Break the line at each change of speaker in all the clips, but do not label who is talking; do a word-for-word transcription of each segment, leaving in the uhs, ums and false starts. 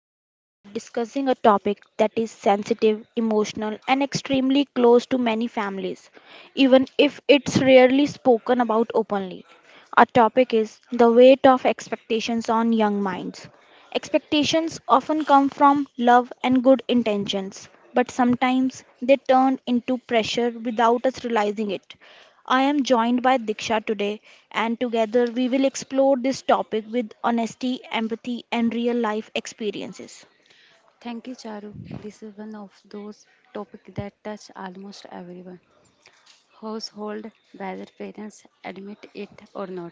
Today we are discussing a topic that is sensitive, emotional, and extremely close to many families, even if it's rarely spoken about openly. Our topic is the weight of expectations on young minds. Expectations often come from love and good intentions, but sometimes they turn into pressure without us realizing it. I am joined by Diksha today, and together we will explore this topic with honesty, empathy, and real life experiences.
Thank you, Charu. This is one of those topics that touch almost everyone. Household, whether parents admit it or not.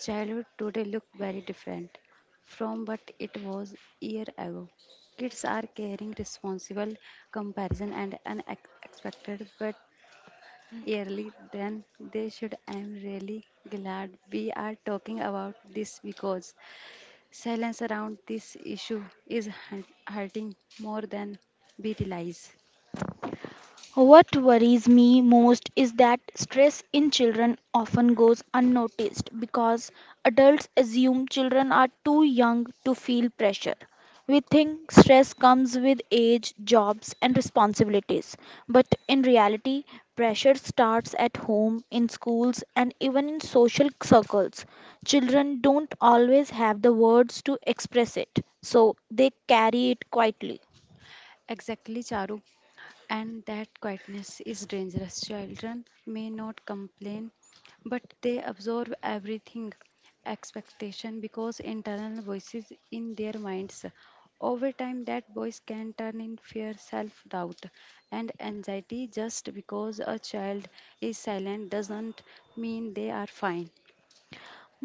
Childhood today look very different from what it was year ago. Kids are caring, responsible comparison and unexpected but early. Than they should. I'm really glad we are talking about this because Silence around this issue is hu- hurting more than we realize.
What worries me most is that stress in children often goes unnoticed because adults assume children are too young to feel pressure. We think stress comes with age, jobs, and responsibilities. But in reality, pressure starts at home, in schools, and even in social circles. Children don't always have the words to express it, so they carry it quietly.
Exactly, Charu. And that quietness is dangerous. Children may not complain, but they absorb everything expectation because internal voices in their minds. Over time, that voice can turn in fear, self doubt, and anxiety. Just because a child is silent doesn't mean they are fine.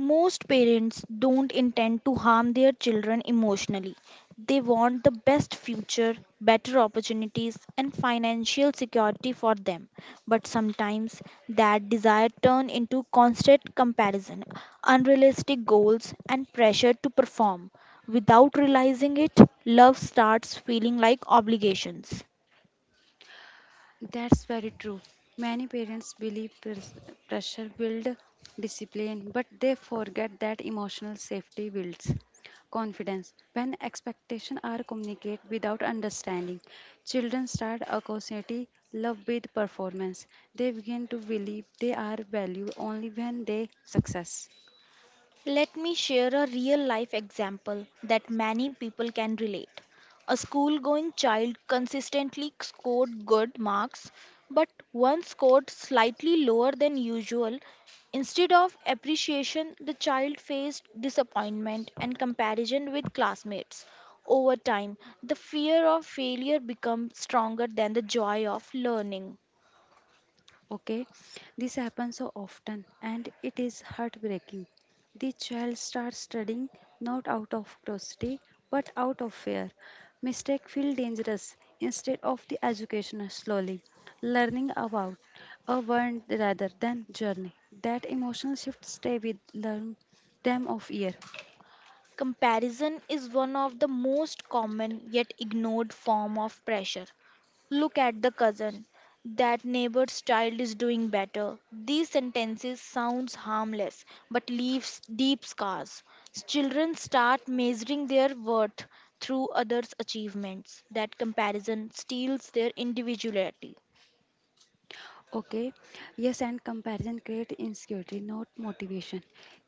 Most parents don't intend to harm their children emotionally. They want the best future, better opportunities, and financial security for them. But sometimes that desire turns into constant comparison, unrealistic goals, and pressure to perform. Without realizing it, love starts feeling like obligations.
That's very true. Many parents believe pres- pressure builds discipline, but they forget that emotional safety builds confidence. When expectations are communicated without understanding, children start associating love with performance. They begin to believe they are valued only when they success.
Let me share a real life example that many people can relate. A school going child consistently scored good marks, but one scored slightly lower than usual. Instead of appreciation, the child faced disappointment and comparison with classmates. Over time, the fear of failure becomes stronger than the joy of learning.
Okay, this happens so often and it is heartbreaking. The child starts studying not out of curiosity but out of fear. Mistake feel dangerous instead of the education slowly. Learning about a word rather than journey. That emotional shift stay with learn them of year.
Comparison is one of the most common yet ignored form of pressure. Look at the cousin. That neighbor's child is doing better. These sentences sounds harmless but leaves deep scars. Children start measuring their worth through others' achievements. That comparison steals their individuality.
Okay, yes, and comparison creates insecurity, not motivation.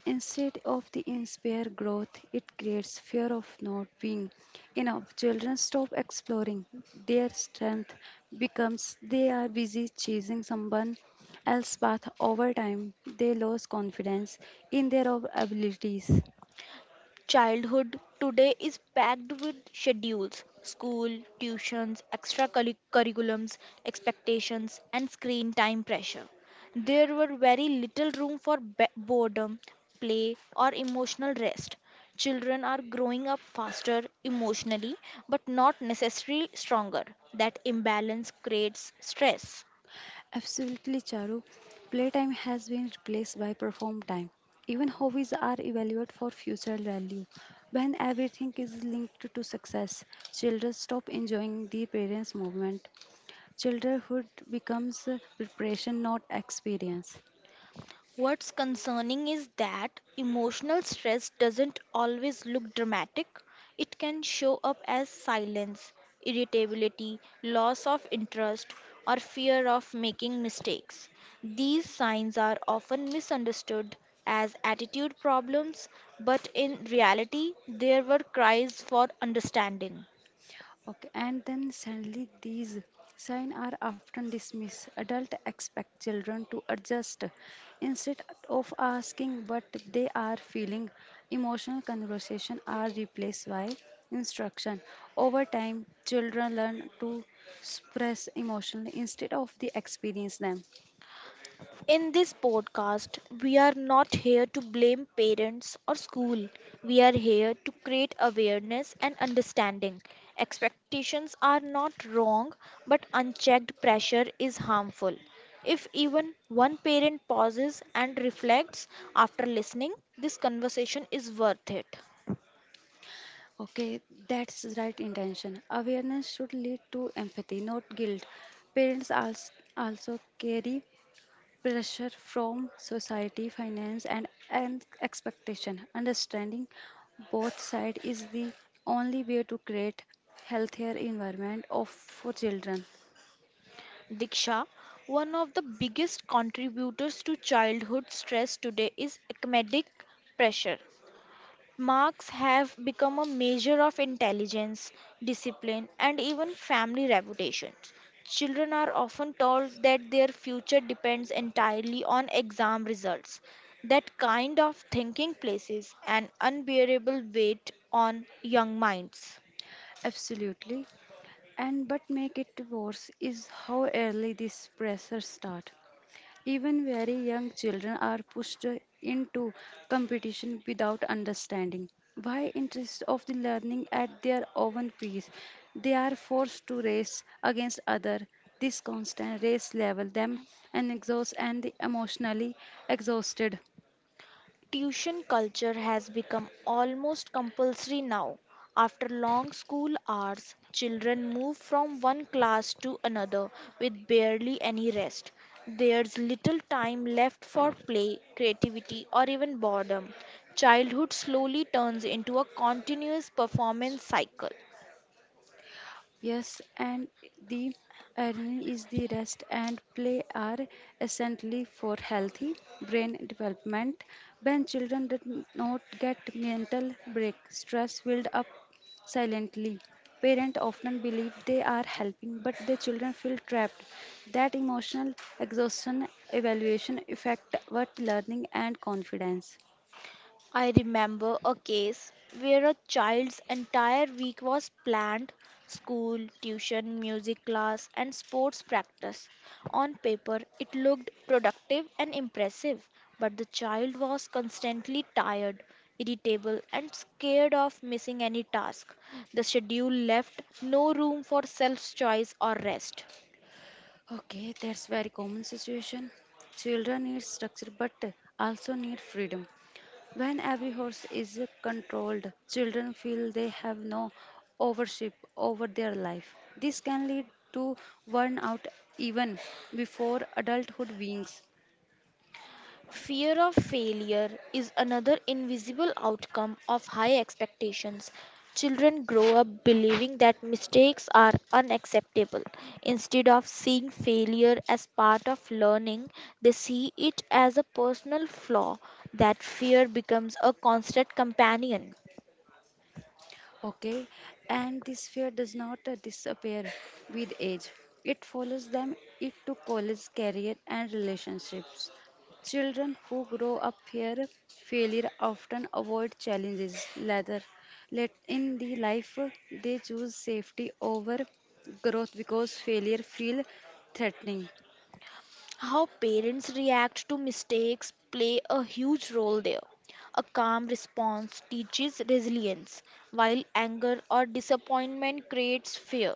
Instead of the inspire growth, it creates fear of not being enough. Children stop exploring their strength becomes they are busy chasing someone else's path. Over time, they lose confidence in their own abilities.
Childhood today is packed with schedules, school, tuitions, extra curri- curriculums, expectations, and screen time pressure. There were very little room for be- boredom, play, or emotional rest. Children are growing up faster emotionally, but not necessarily stronger. That imbalance creates stress.
Absolutely, Charu. Playtime has been replaced by perform time. Even hobbies are evaluated for future value. When everything is linked to success, children stop enjoying the parents' movement. Childhood becomes uh, preparation, not experience.
What's concerning is that emotional stress doesn't always look dramatic. It can show up as silence, irritability, loss of interest, or fear of making mistakes. These signs are often misunderstood as attitude problems, but in reality, there were cries for understanding.
Okay, and then suddenly these signs are often dismissed. Adults expect children to adjust instead of asking what they are feeling. Emotional conversation are replaced by instruction. Over time, children learn to express emotionally instead of the experience them.
In this podcast, we are not here to blame parents or school. We are here to create awareness and understanding. Expectations are not wrong, but unchecked pressure is harmful. If even one parent pauses and reflects after listening, this conversation is worth it.
Okay, that's right intention. Awareness should lead to empathy, not guilt. Parents als- also carry pressure from society, finance, and, and expectation. Understanding both sides is the only way to create healthier environment of for children.
Diksha, one of the biggest contributors to childhood stress today is academic pressure. Marks have become a measure of intelligence, discipline, and even family reputations. Children are often told that their future depends entirely on exam results. That kind of thinking places an unbearable weight on young minds.
Absolutely. And but make it worse is how early this pressure start. Even very young children are pushed into competition without understanding why interest of the learning at their own pace. They are forced to race against others. This constant race level them and exhaust and emotionally exhausted.
Tuition culture has become almost compulsory now. After long school hours, children move from one class to another with barely any rest. There's little time left for play, creativity, or even boredom. Childhood slowly turns into a continuous performance cycle.
Yes, and the irony is the rest and play are essentially for healthy brain development. When children did not get mental break, stress build up silently. Parents often believe they are helping, but the children feel trapped. That emotional exhaustion evaluation affect what learning and confidence.
I remember a case where a child's entire week was planned school, tuition, music class, and sports practice. On paper, it looked productive and impressive, but the child was constantly tired, irritable, and scared of missing any task. The schedule left no room for self choice or rest.
Okay, that's very common situation. Children need structure but also need freedom. When every horse is controlled, children feel they have no ownership over their life. This can lead to burnout even before adulthood wings.
Fear of failure is another invisible outcome of high expectations. Children grow up believing that mistakes are unacceptable. Instead of seeing failure as part of learning, they see it as a personal flaw. That fear becomes a constant companion.
Okay, and this fear does not uh, disappear with age. It follows them into college, career, and relationships. Children who grow up here, failure often avoid challenges. Rather, let in the life uh, they choose safety over growth because failure feel threatening.
How parents react to mistakes play a huge role there. A calm response teaches resilience, while anger or disappointment creates fear.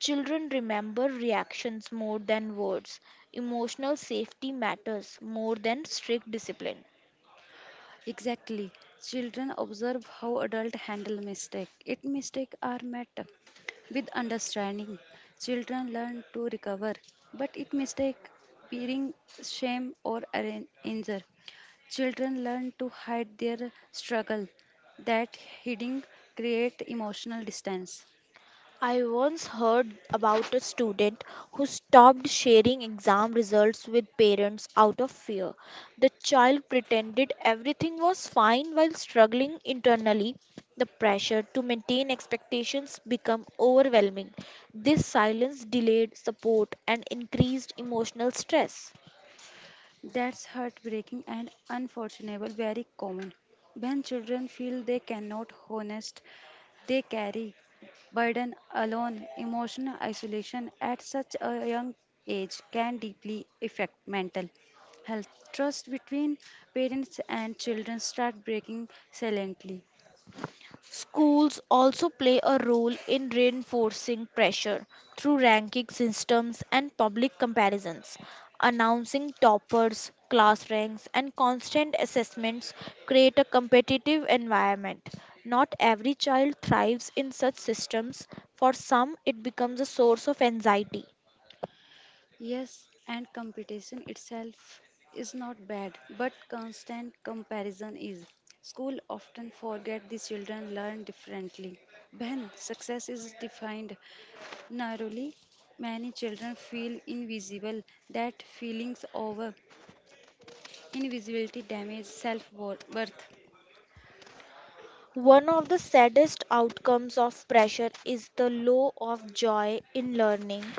Children remember reactions more than words. Emotional safety matters more than strict discipline.
Exactly. Children observe how adults handle mistakes. If mistakes are met with understanding, children learn to recover. But if mistake bearing shame or arran- injure, children learn to hide their struggle. That hiding create emotional distance.
I once heard about a student who stopped sharing exam results with parents out of fear. The child pretended everything was fine while struggling internally. The pressure to maintain expectations became overwhelming. This silence delayed support and increased emotional stress.
That's heartbreaking and unfortunately very common. When children feel they cannot honest. They carry burden alone, emotional isolation at such a young age can deeply affect mental health. Trust between parents and children start breaking silently.
Schools also play a role in reinforcing pressure through ranking systems and public comparisons. Announcing toppers, class ranks, and constant assessments create a competitive environment. Not every child thrives in such systems. For some, it becomes a source of anxiety.
Yes, and competition itself is not bad, but constant comparison is. School often forget the children learn differently. When success is defined narrowly, many children feel invisible. That feeling's over. Invisibility damages self worth.
One of the saddest outcomes of pressure is the low of joy in learning.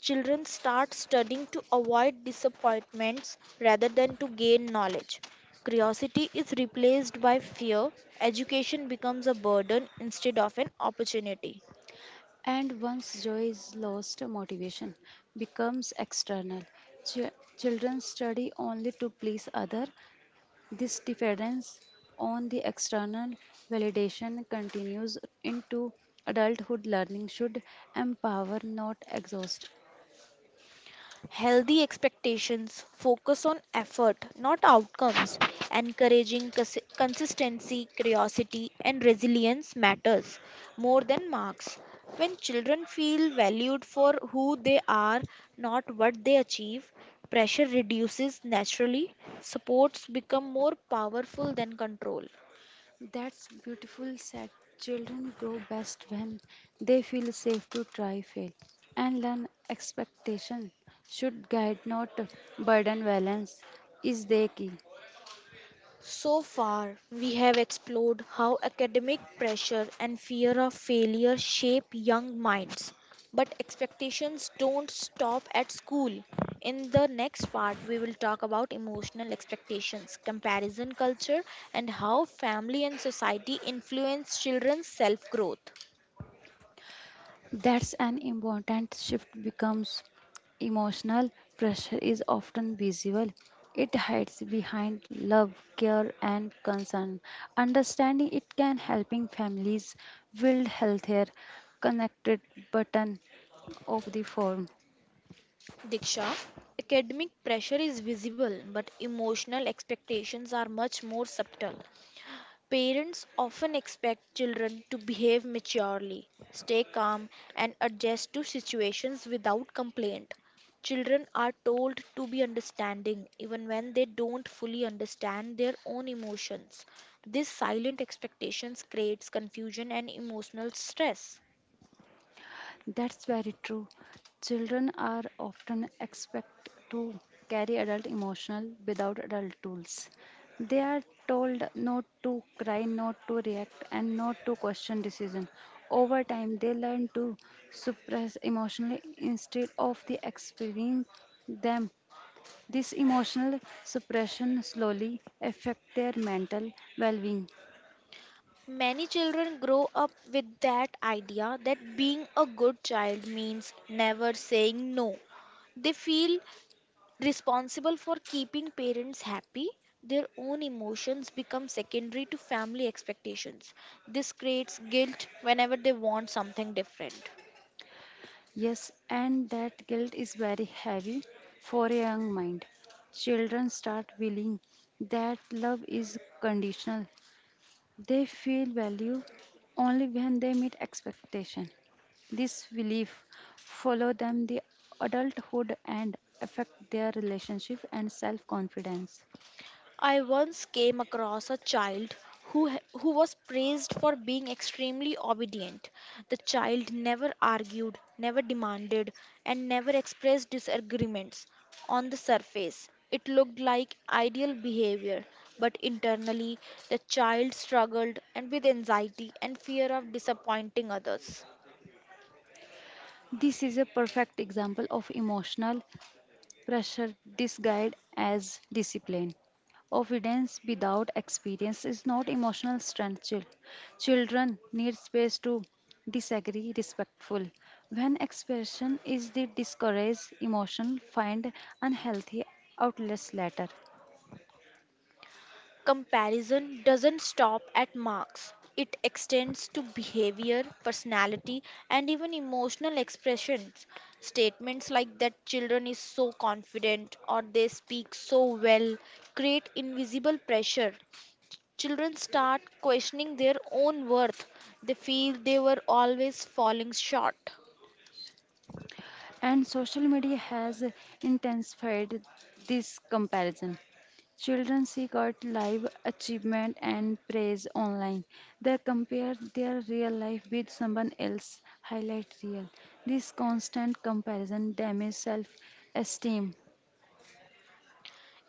Children start studying to avoid disappointments rather than to gain knowledge. Curiosity is replaced by fear. Education becomes a burden instead of an opportunity.
And once joy is lost, motivation becomes external. Ch- Children study only to please other. This dependence on the external validation continues into adulthood. Learning should empower, not exhaust.
Healthy expectations focus on effort, not outcomes. Encouraging cons- consistency, curiosity, and resilience matters more than marks. When children feel valued for who they are, not what they achieve, pressure reduces naturally. Supports become more powerful than control.
That's beautiful said. Children grow best when they feel safe to try, fail, and learn. Expectation should guide, not burden. Balance is the key.
So far, we have explored how academic pressure and fear of failure shape young minds. But expectations don't stop at school. In the next part, we will talk about emotional expectations, comparison culture, and how family and society influence children's self growth.
That's an important shift becomes emotional pressure is often visible. It hides behind love, care, and concern. Understanding it can helping families build healthier, connected button of the form.
Diksha, academic pressure is visible, but emotional expectations are much more subtle. Parents often expect children to behave maturely, stay calm, and adjust to situations without complaint. Children are told to be understanding even when they don't fully understand their own emotions. This silent expectations creates confusion and emotional stress.
That's very true. Children are often expected to carry adult emotional without adult tools. They are told not to cry, not to react, and not to question decision. Over time, they learn to suppress emotionally instead of the experiencing them. This emotional suppression slowly affect their mental well-being.
Many children grow up with that idea that being a good child means never saying no. They feel responsible for keeping parents happy, their own emotions become secondary to family expectations. This creates guilt whenever they want something different.
Yes, and that guilt is very heavy for a young mind. Children start feeling that love is conditional. They feel value only when they meet expectation. This belief follow them the adulthood and affect their relationship and self-confidence.
I once came across a child who, ha- who was praised for being extremely obedient. The child never argued, never demanded, and never expressed disagreements. On the surface, it looked like ideal behavior, but internally, the child struggled and with anxiety and fear of disappointing others.
This is a perfect example of emotional pressure disguised as discipline. Obedience without experience is not emotional strength. chil- Children need space to disagree respectful. When expression is the discouraged, emotion find unhealthy outlets later.
Comparison doesn't stop at marks. It extends to behavior, personality, and even emotional expressions. Statements like that children is so confident or they speak so well create invisible pressure. Children start questioning their own worth. They feel they were always falling short.
And social media has intensified this comparison. Children seek out live achievement and praise online. They compare their real life with someone else's highlight reel. This constant comparison damages self esteem.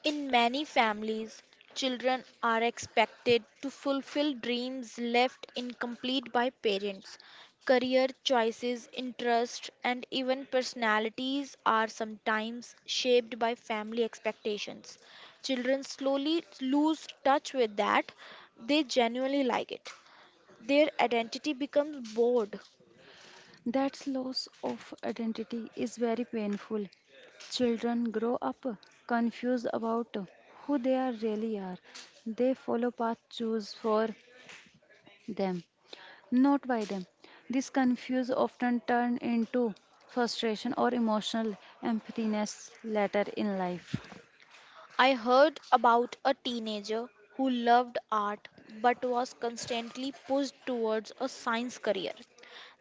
In many families, children are expected to fulfill dreams left incomplete by parents. Career choices, interests, and even personalities are sometimes shaped by family expectations. Children slowly lose touch with that they genuinely like it. Their identity becomes bored.
That loss of identity is very painful. Children grow up confused about who they are really are. They follow paths choose for them not by them. This confuse often turn into frustration or emotional emptiness later in life.
I heard about a teenager who loved art but was constantly pushed towards a science career.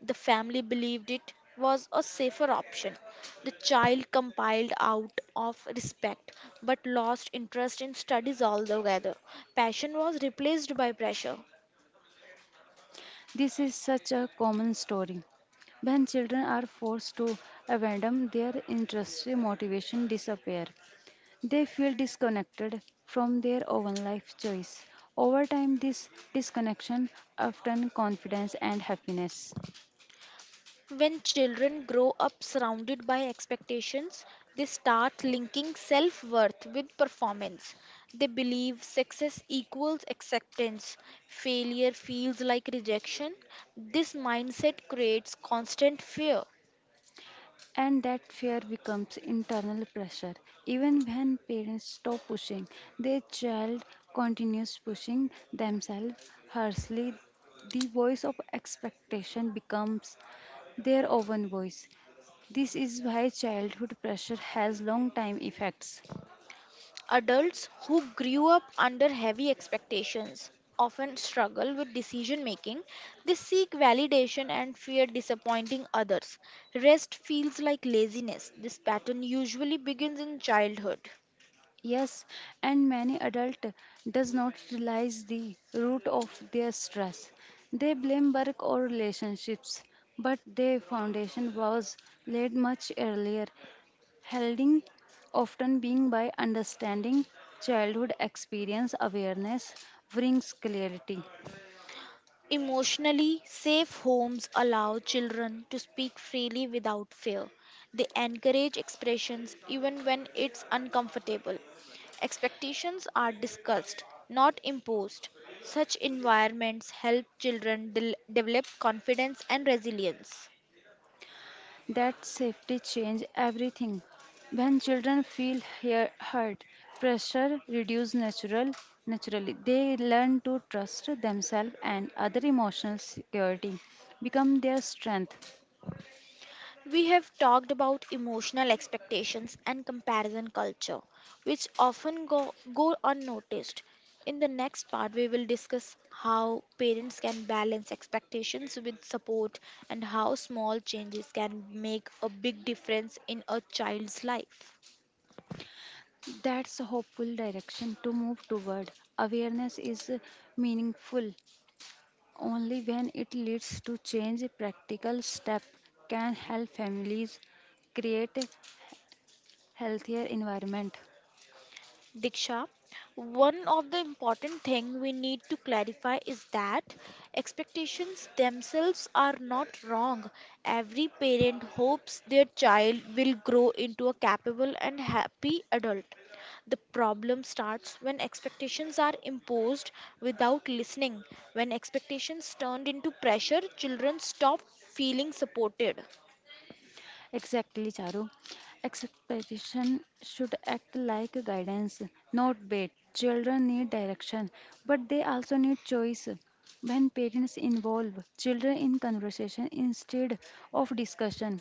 The family believed it was a safer option. The child compiled out of respect but lost interest in studies altogether. Passion was replaced by pressure.
This is such a common story. When children are forced to abandon their interests, motivation disappear. They feel disconnected from their own life choice. Over time, this disconnection often confidence and happiness.
When children grow up surrounded by expectations, they start linking self worth with performance. They believe success equals acceptance, failure feels like rejection. This mindset creates constant fear.
And that fear becomes internal pressure. Even when parents stop pushing, their child continues pushing themselves harshly. The voice of expectation becomes their own voice. This is why childhood pressure has long time effects.
Adults who grew up under heavy expectations often struggle with decision making. They seek validation and fear disappointing others. Rest feels like laziness. This pattern usually begins in childhood.
Yes, and many adult does not realize the root of their stress. They blame work or relationships, but their foundation was laid much earlier. Healing often being by understanding childhood experience awareness brings clarity.
Emotionally safe homes allow children to speak freely without fear. They encourage expressions even when it's uncomfortable. Expectations are discussed, not imposed. Such environments help children del- develop confidence and resilience.
That safety change everything when children feel hear, heard pressure reduce natural naturally they learn to trust themselves and other emotional security become their strength.
We have talked about emotional expectations and comparison culture, which often go, go unnoticed. In the next part, we will discuss how parents can balance expectations with support and how small changes can make a big difference in a child's life.
That's a hopeful direction to move toward awareness is meaningful only when it leads to change, practical step can help families create a healthier environment.
Diksha, one of the important thing we need to clarify is that expectations themselves are not wrong. Every parent hopes their child will grow into a capable and happy adult. The problem starts when expectations are imposed without listening. When expectations turned into pressure, children stop feeling supported.
Exactly, Charu. Expectation should act like guidance, not bait. Children need direction, but they also need choice. When parents involve children in conversation instead of discussion,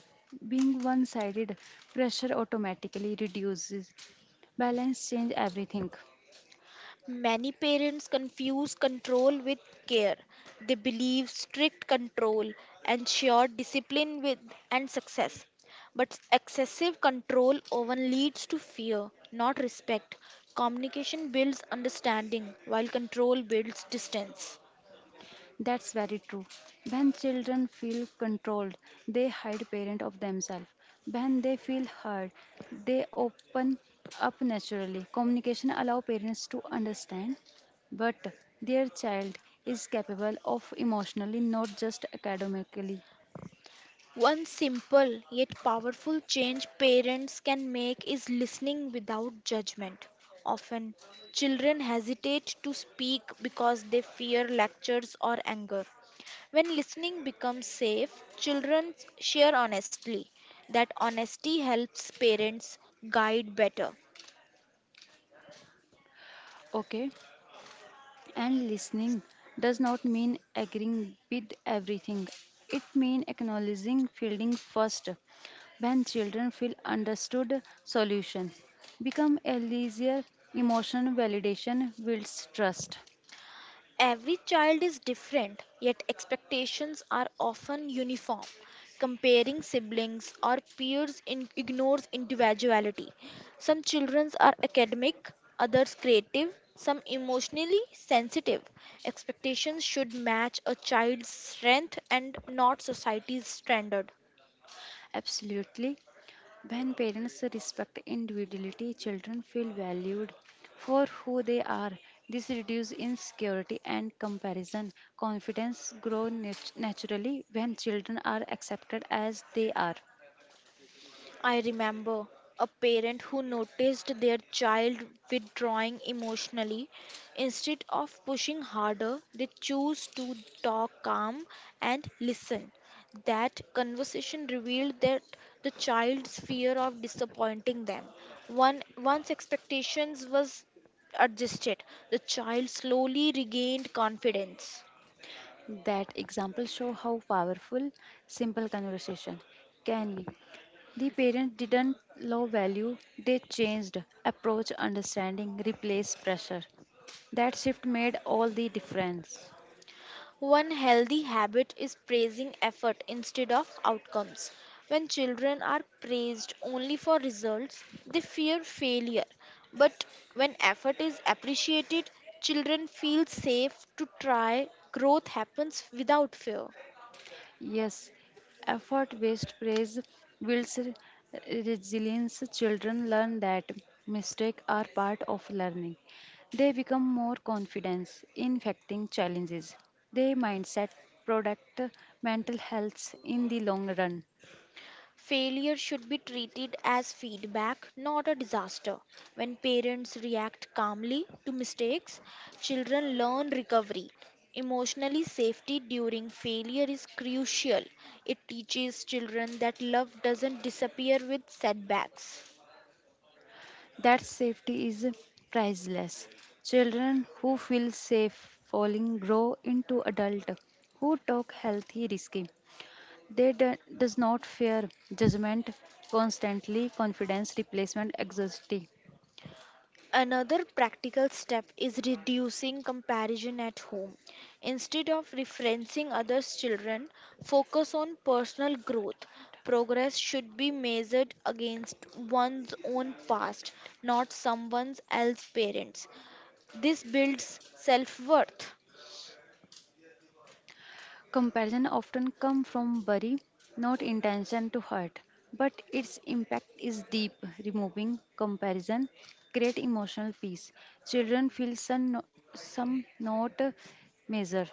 being one sided, pressure automatically reduces. Balance change everything.
Many parents confuse control with care. They believe strict control ensures discipline with and success. But excessive control often leads to fear, not respect. Communication builds understanding, while control builds distance.
That's very true. When children feel controlled, they hide parent of themselves. When they feel heard, they open up naturally. Communication allow parents to understand, but their child is capable of emotionally, not just academically.
One simple yet powerful change parents can make is listening without judgment. Often, children hesitate to speak because they fear lectures or anger. When listening becomes safe, children share honestly. That honesty helps parents guide better.
Okay. And listening does not mean agreeing with everything. It means acknowledging feeling first. When children feel understood, solution become easier. Emotional validation builds trust.
Every child is different, yet expectations are often uniform. Comparing siblings or peers in- ignores individuality. Some children are academic, others creative, some emotionally sensitive. Expectations should match a child's strength and not society's standard.
Absolutely. When parents respect individuality, children feel valued for who they are. This reduces insecurity and comparison. Confidence grows nat- naturally when children are accepted as they are.
I remember a parent who noticed their child withdrawing emotionally. Instead of pushing harder, they chose to talk calm and listen. That conversation revealed that the child's fear of disappointing them. One, once expectations was adjusted, the child slowly regained confidence.
That example show how powerful simple conversation can be. The parent didn't low value, they changed approach, understanding, replace pressure. That shift made all the difference.
One healthy habit is praising effort instead of outcomes. When children are praised only for results, they fear failure. But when effort is appreciated, children feel safe to try. Growth happens without fear.
Yes, effort based praise builds re- resilience. Children learn that mistakes are part of learning. They become more confident in facing challenges. Their mindset protect mental health in the long run.
Failure should be treated as feedback, not a disaster. When parents react calmly to mistakes, children learn recovery. Emotionally, safety during failure is crucial. It teaches children that love doesn't disappear with setbacks.
That safety is priceless. Children who feel safe falling grow into adults who talk healthy risky. They do, does not fear judgment, constantly confidence, replacement, anxiety.
Another practical step is reducing comparison at home. Instead of referencing others' children, focus on personal growth. Progress should be measured against one's own past, not someone else's parents. This builds self worth.
Comparison often come from worry, not intention to hurt, but its impact is deep. Removing comparison create emotional peace. Children feel some, no- some not measure.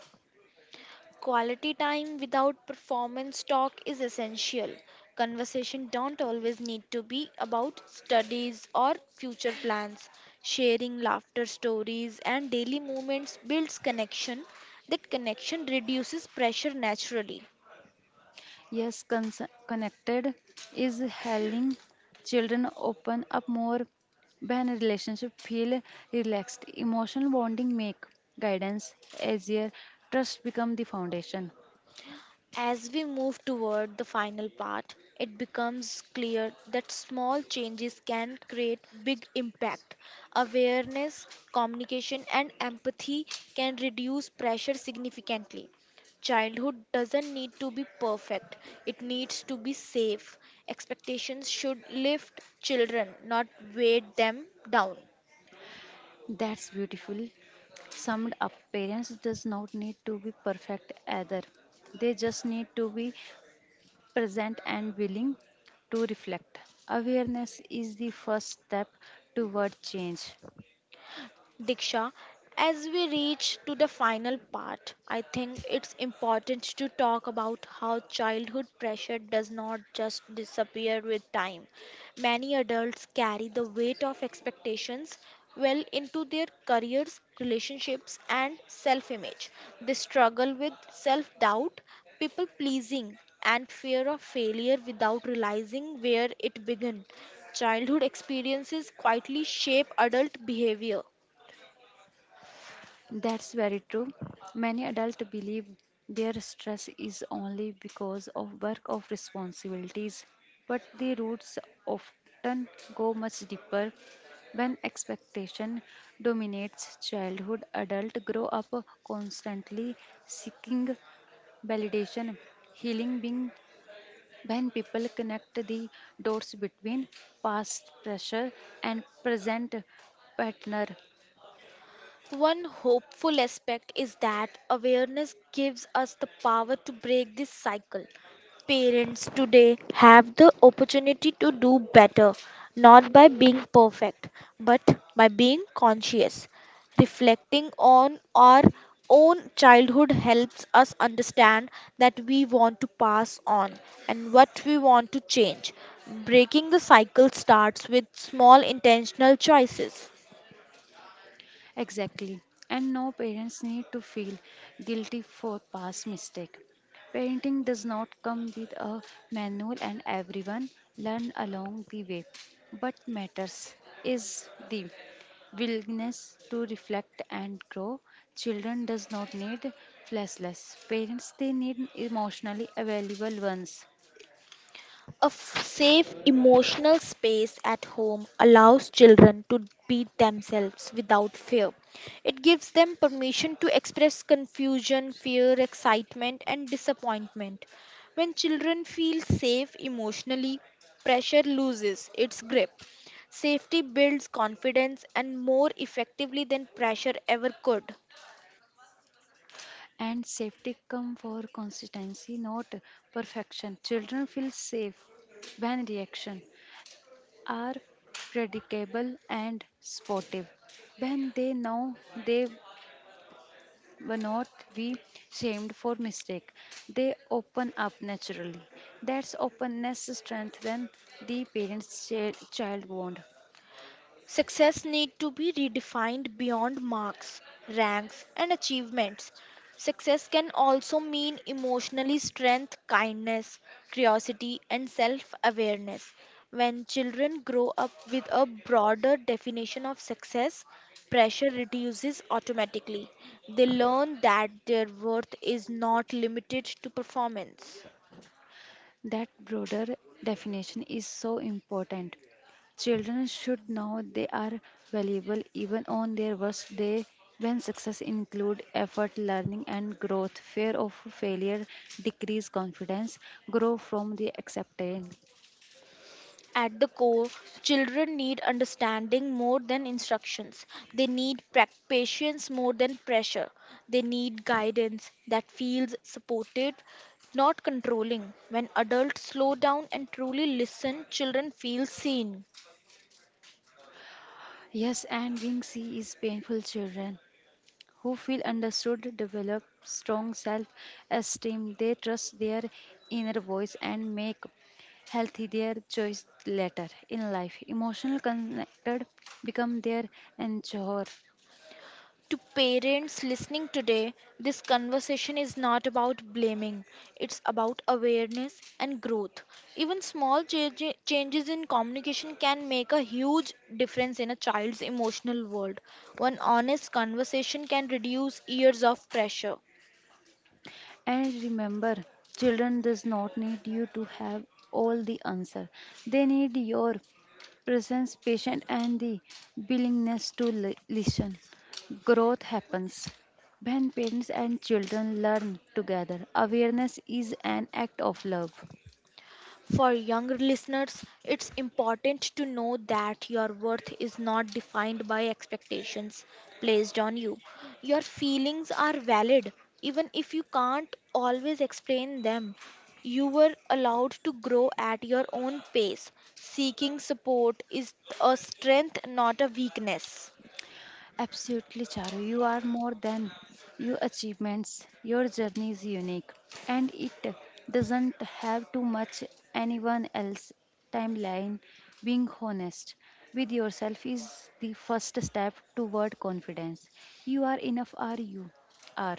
Quality time without performance talk is essential. Conversation don't always need to be about studies or future plans. Sharing laughter stories and daily moments builds connection. That connection reduces pressure naturally.
Yes, cons- connected is helping children open up more when a relationship feel relaxed. Emotional bonding make guidance easier. Trust become the foundation.
As we move toward the final part, it becomes clear that small changes can create big impact. Awareness, communication, and empathy can reduce pressure significantly. Childhood doesn't need to be perfect, it needs to be safe. Expectations should lift children, not weigh them down.
That's beautiful. Summed up, parents does not need to be perfect either. They just need to be present and willing to reflect. Awareness is the first step toward change.
Diksha, as we reach to the final part, I think it's important to talk about how childhood pressure does not just disappear with time. Many adults carry the weight of expectations well into their careers, relationships, and self image. They struggle with self doubt, people pleasing, and fear of failure without realizing where it began. Childhood experiences quietly shape adult behavior.
That's very true. Many adults believe their stress is only because of work or responsibilities, but the roots often go much deeper. When expectation dominates childhood, adults grow up constantly seeking validation, healing being when people connect the dots between past pressure and present partner.
One hopeful aspect is that awareness gives us the power to break this cycle. Parents today have the opportunity to do better, not by being perfect, but by being conscious. Reflecting on our own childhood helps us understand that we want to pass on and what we want to change. Breaking the cycle starts with small intentional choices.
Exactly. And no parents need to feel guilty for past mistake. Parenting does not come with a manual and everyone learn along the way. But matters is the willingness to reflect and grow. Children does not need fleshless parents they need emotionally available ones.
A f- safe emotional space at home allows children to be themselves without fear. It gives them permission to express confusion, fear, excitement, and disappointment. When children feel safe emotionally, pressure loses its grip. Safety builds confidence and more effectively than pressure ever could.
And safety come for consistency, not perfection. Children feel safe when reaction are predictable and sportive. When they know they will not be shamed for mistake, they open up naturally. That's openness strengthens the parents-child bond.
Success need to be redefined beyond marks, ranks and achievements. Success can also mean emotionally strength, kindness, curiosity and self-awareness. When children grow up with a broader definition of success, pressure reduces automatically. They learn that their worth is not limited to performance.
That broader definition is so important. Children should know they are valuable even on their worst day when success include effort, learning and growth. Fear of failure decrease confidence, grow from the acceptance.
At the core, children need understanding more than instructions. They need pra- patience more than pressure. They need guidance that feels supported, not controlling. When adults slow down and truly listen, children feel seen.
Yes, and being C is painful children who feel understood develop strong self-esteem. They trust their inner voice and make healthy their choice later in life emotional connected become their anchor.
To parents listening today, this conversation is not about blaming, it's about awareness and growth. Even small change- changes in communication can make a huge difference in a child's emotional world. One honest conversation can reduce years of pressure.
And remember, children does not need you to have all the answer. They need your presence, patience, and the willingness to li- listen. Growth happens when parents and children learn together. Awareness is an act of love.
For younger listeners, it's important to know that your worth is not defined by expectations placed on you. Your feelings are valid, even if you can't always explain them. You were allowed to grow at your own pace. Seeking support is a strength, not a weakness.
Absolutely, Charu. You are more than your achievements. Your journey is unique and it doesn't have too much anyone else timeline. Being honest with yourself is the first step toward confidence. You are enough are you are.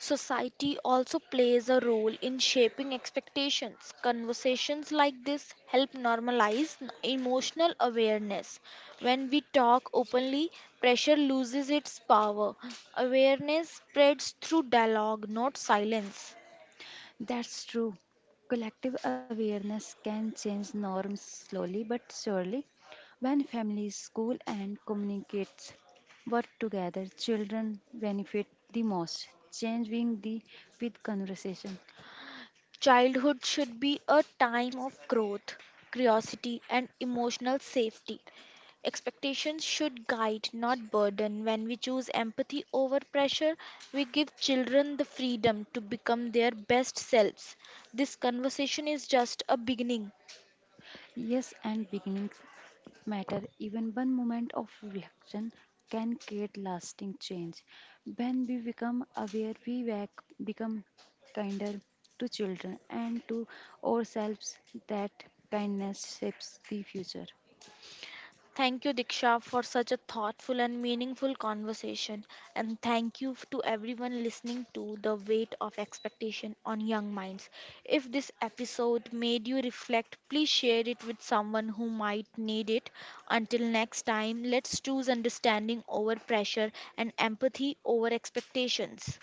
Society also plays a role in shaping expectations. Conversations like this help normalize n- emotional awareness. When we talk openly, pressure loses its power. Awareness spreads through dialogue, not silence.
That's true. Collective awareness can change norms slowly but surely. When families, school, and communities work together, children benefit the most, changing the with conversation.
Childhood should be a time of growth, curiosity, and emotional safety. Expectations should guide, not burden. When we choose empathy over pressure, we give children the freedom to become their best selves. This conversation is just a beginning.
Yes, and beginnings matter. Even one moment of reflection can create lasting change. When we become aware, we bec- become kinder to children and to ourselves. That kindness shapes the future.
Thank you, Diksha, for such a thoughtful and meaningful conversation. And thank you f- to everyone listening to The Weight of Expectation on Young Minds. If this episode made you reflect, please share it with someone who might need it. Until next time, let's choose understanding over pressure and empathy over expectations.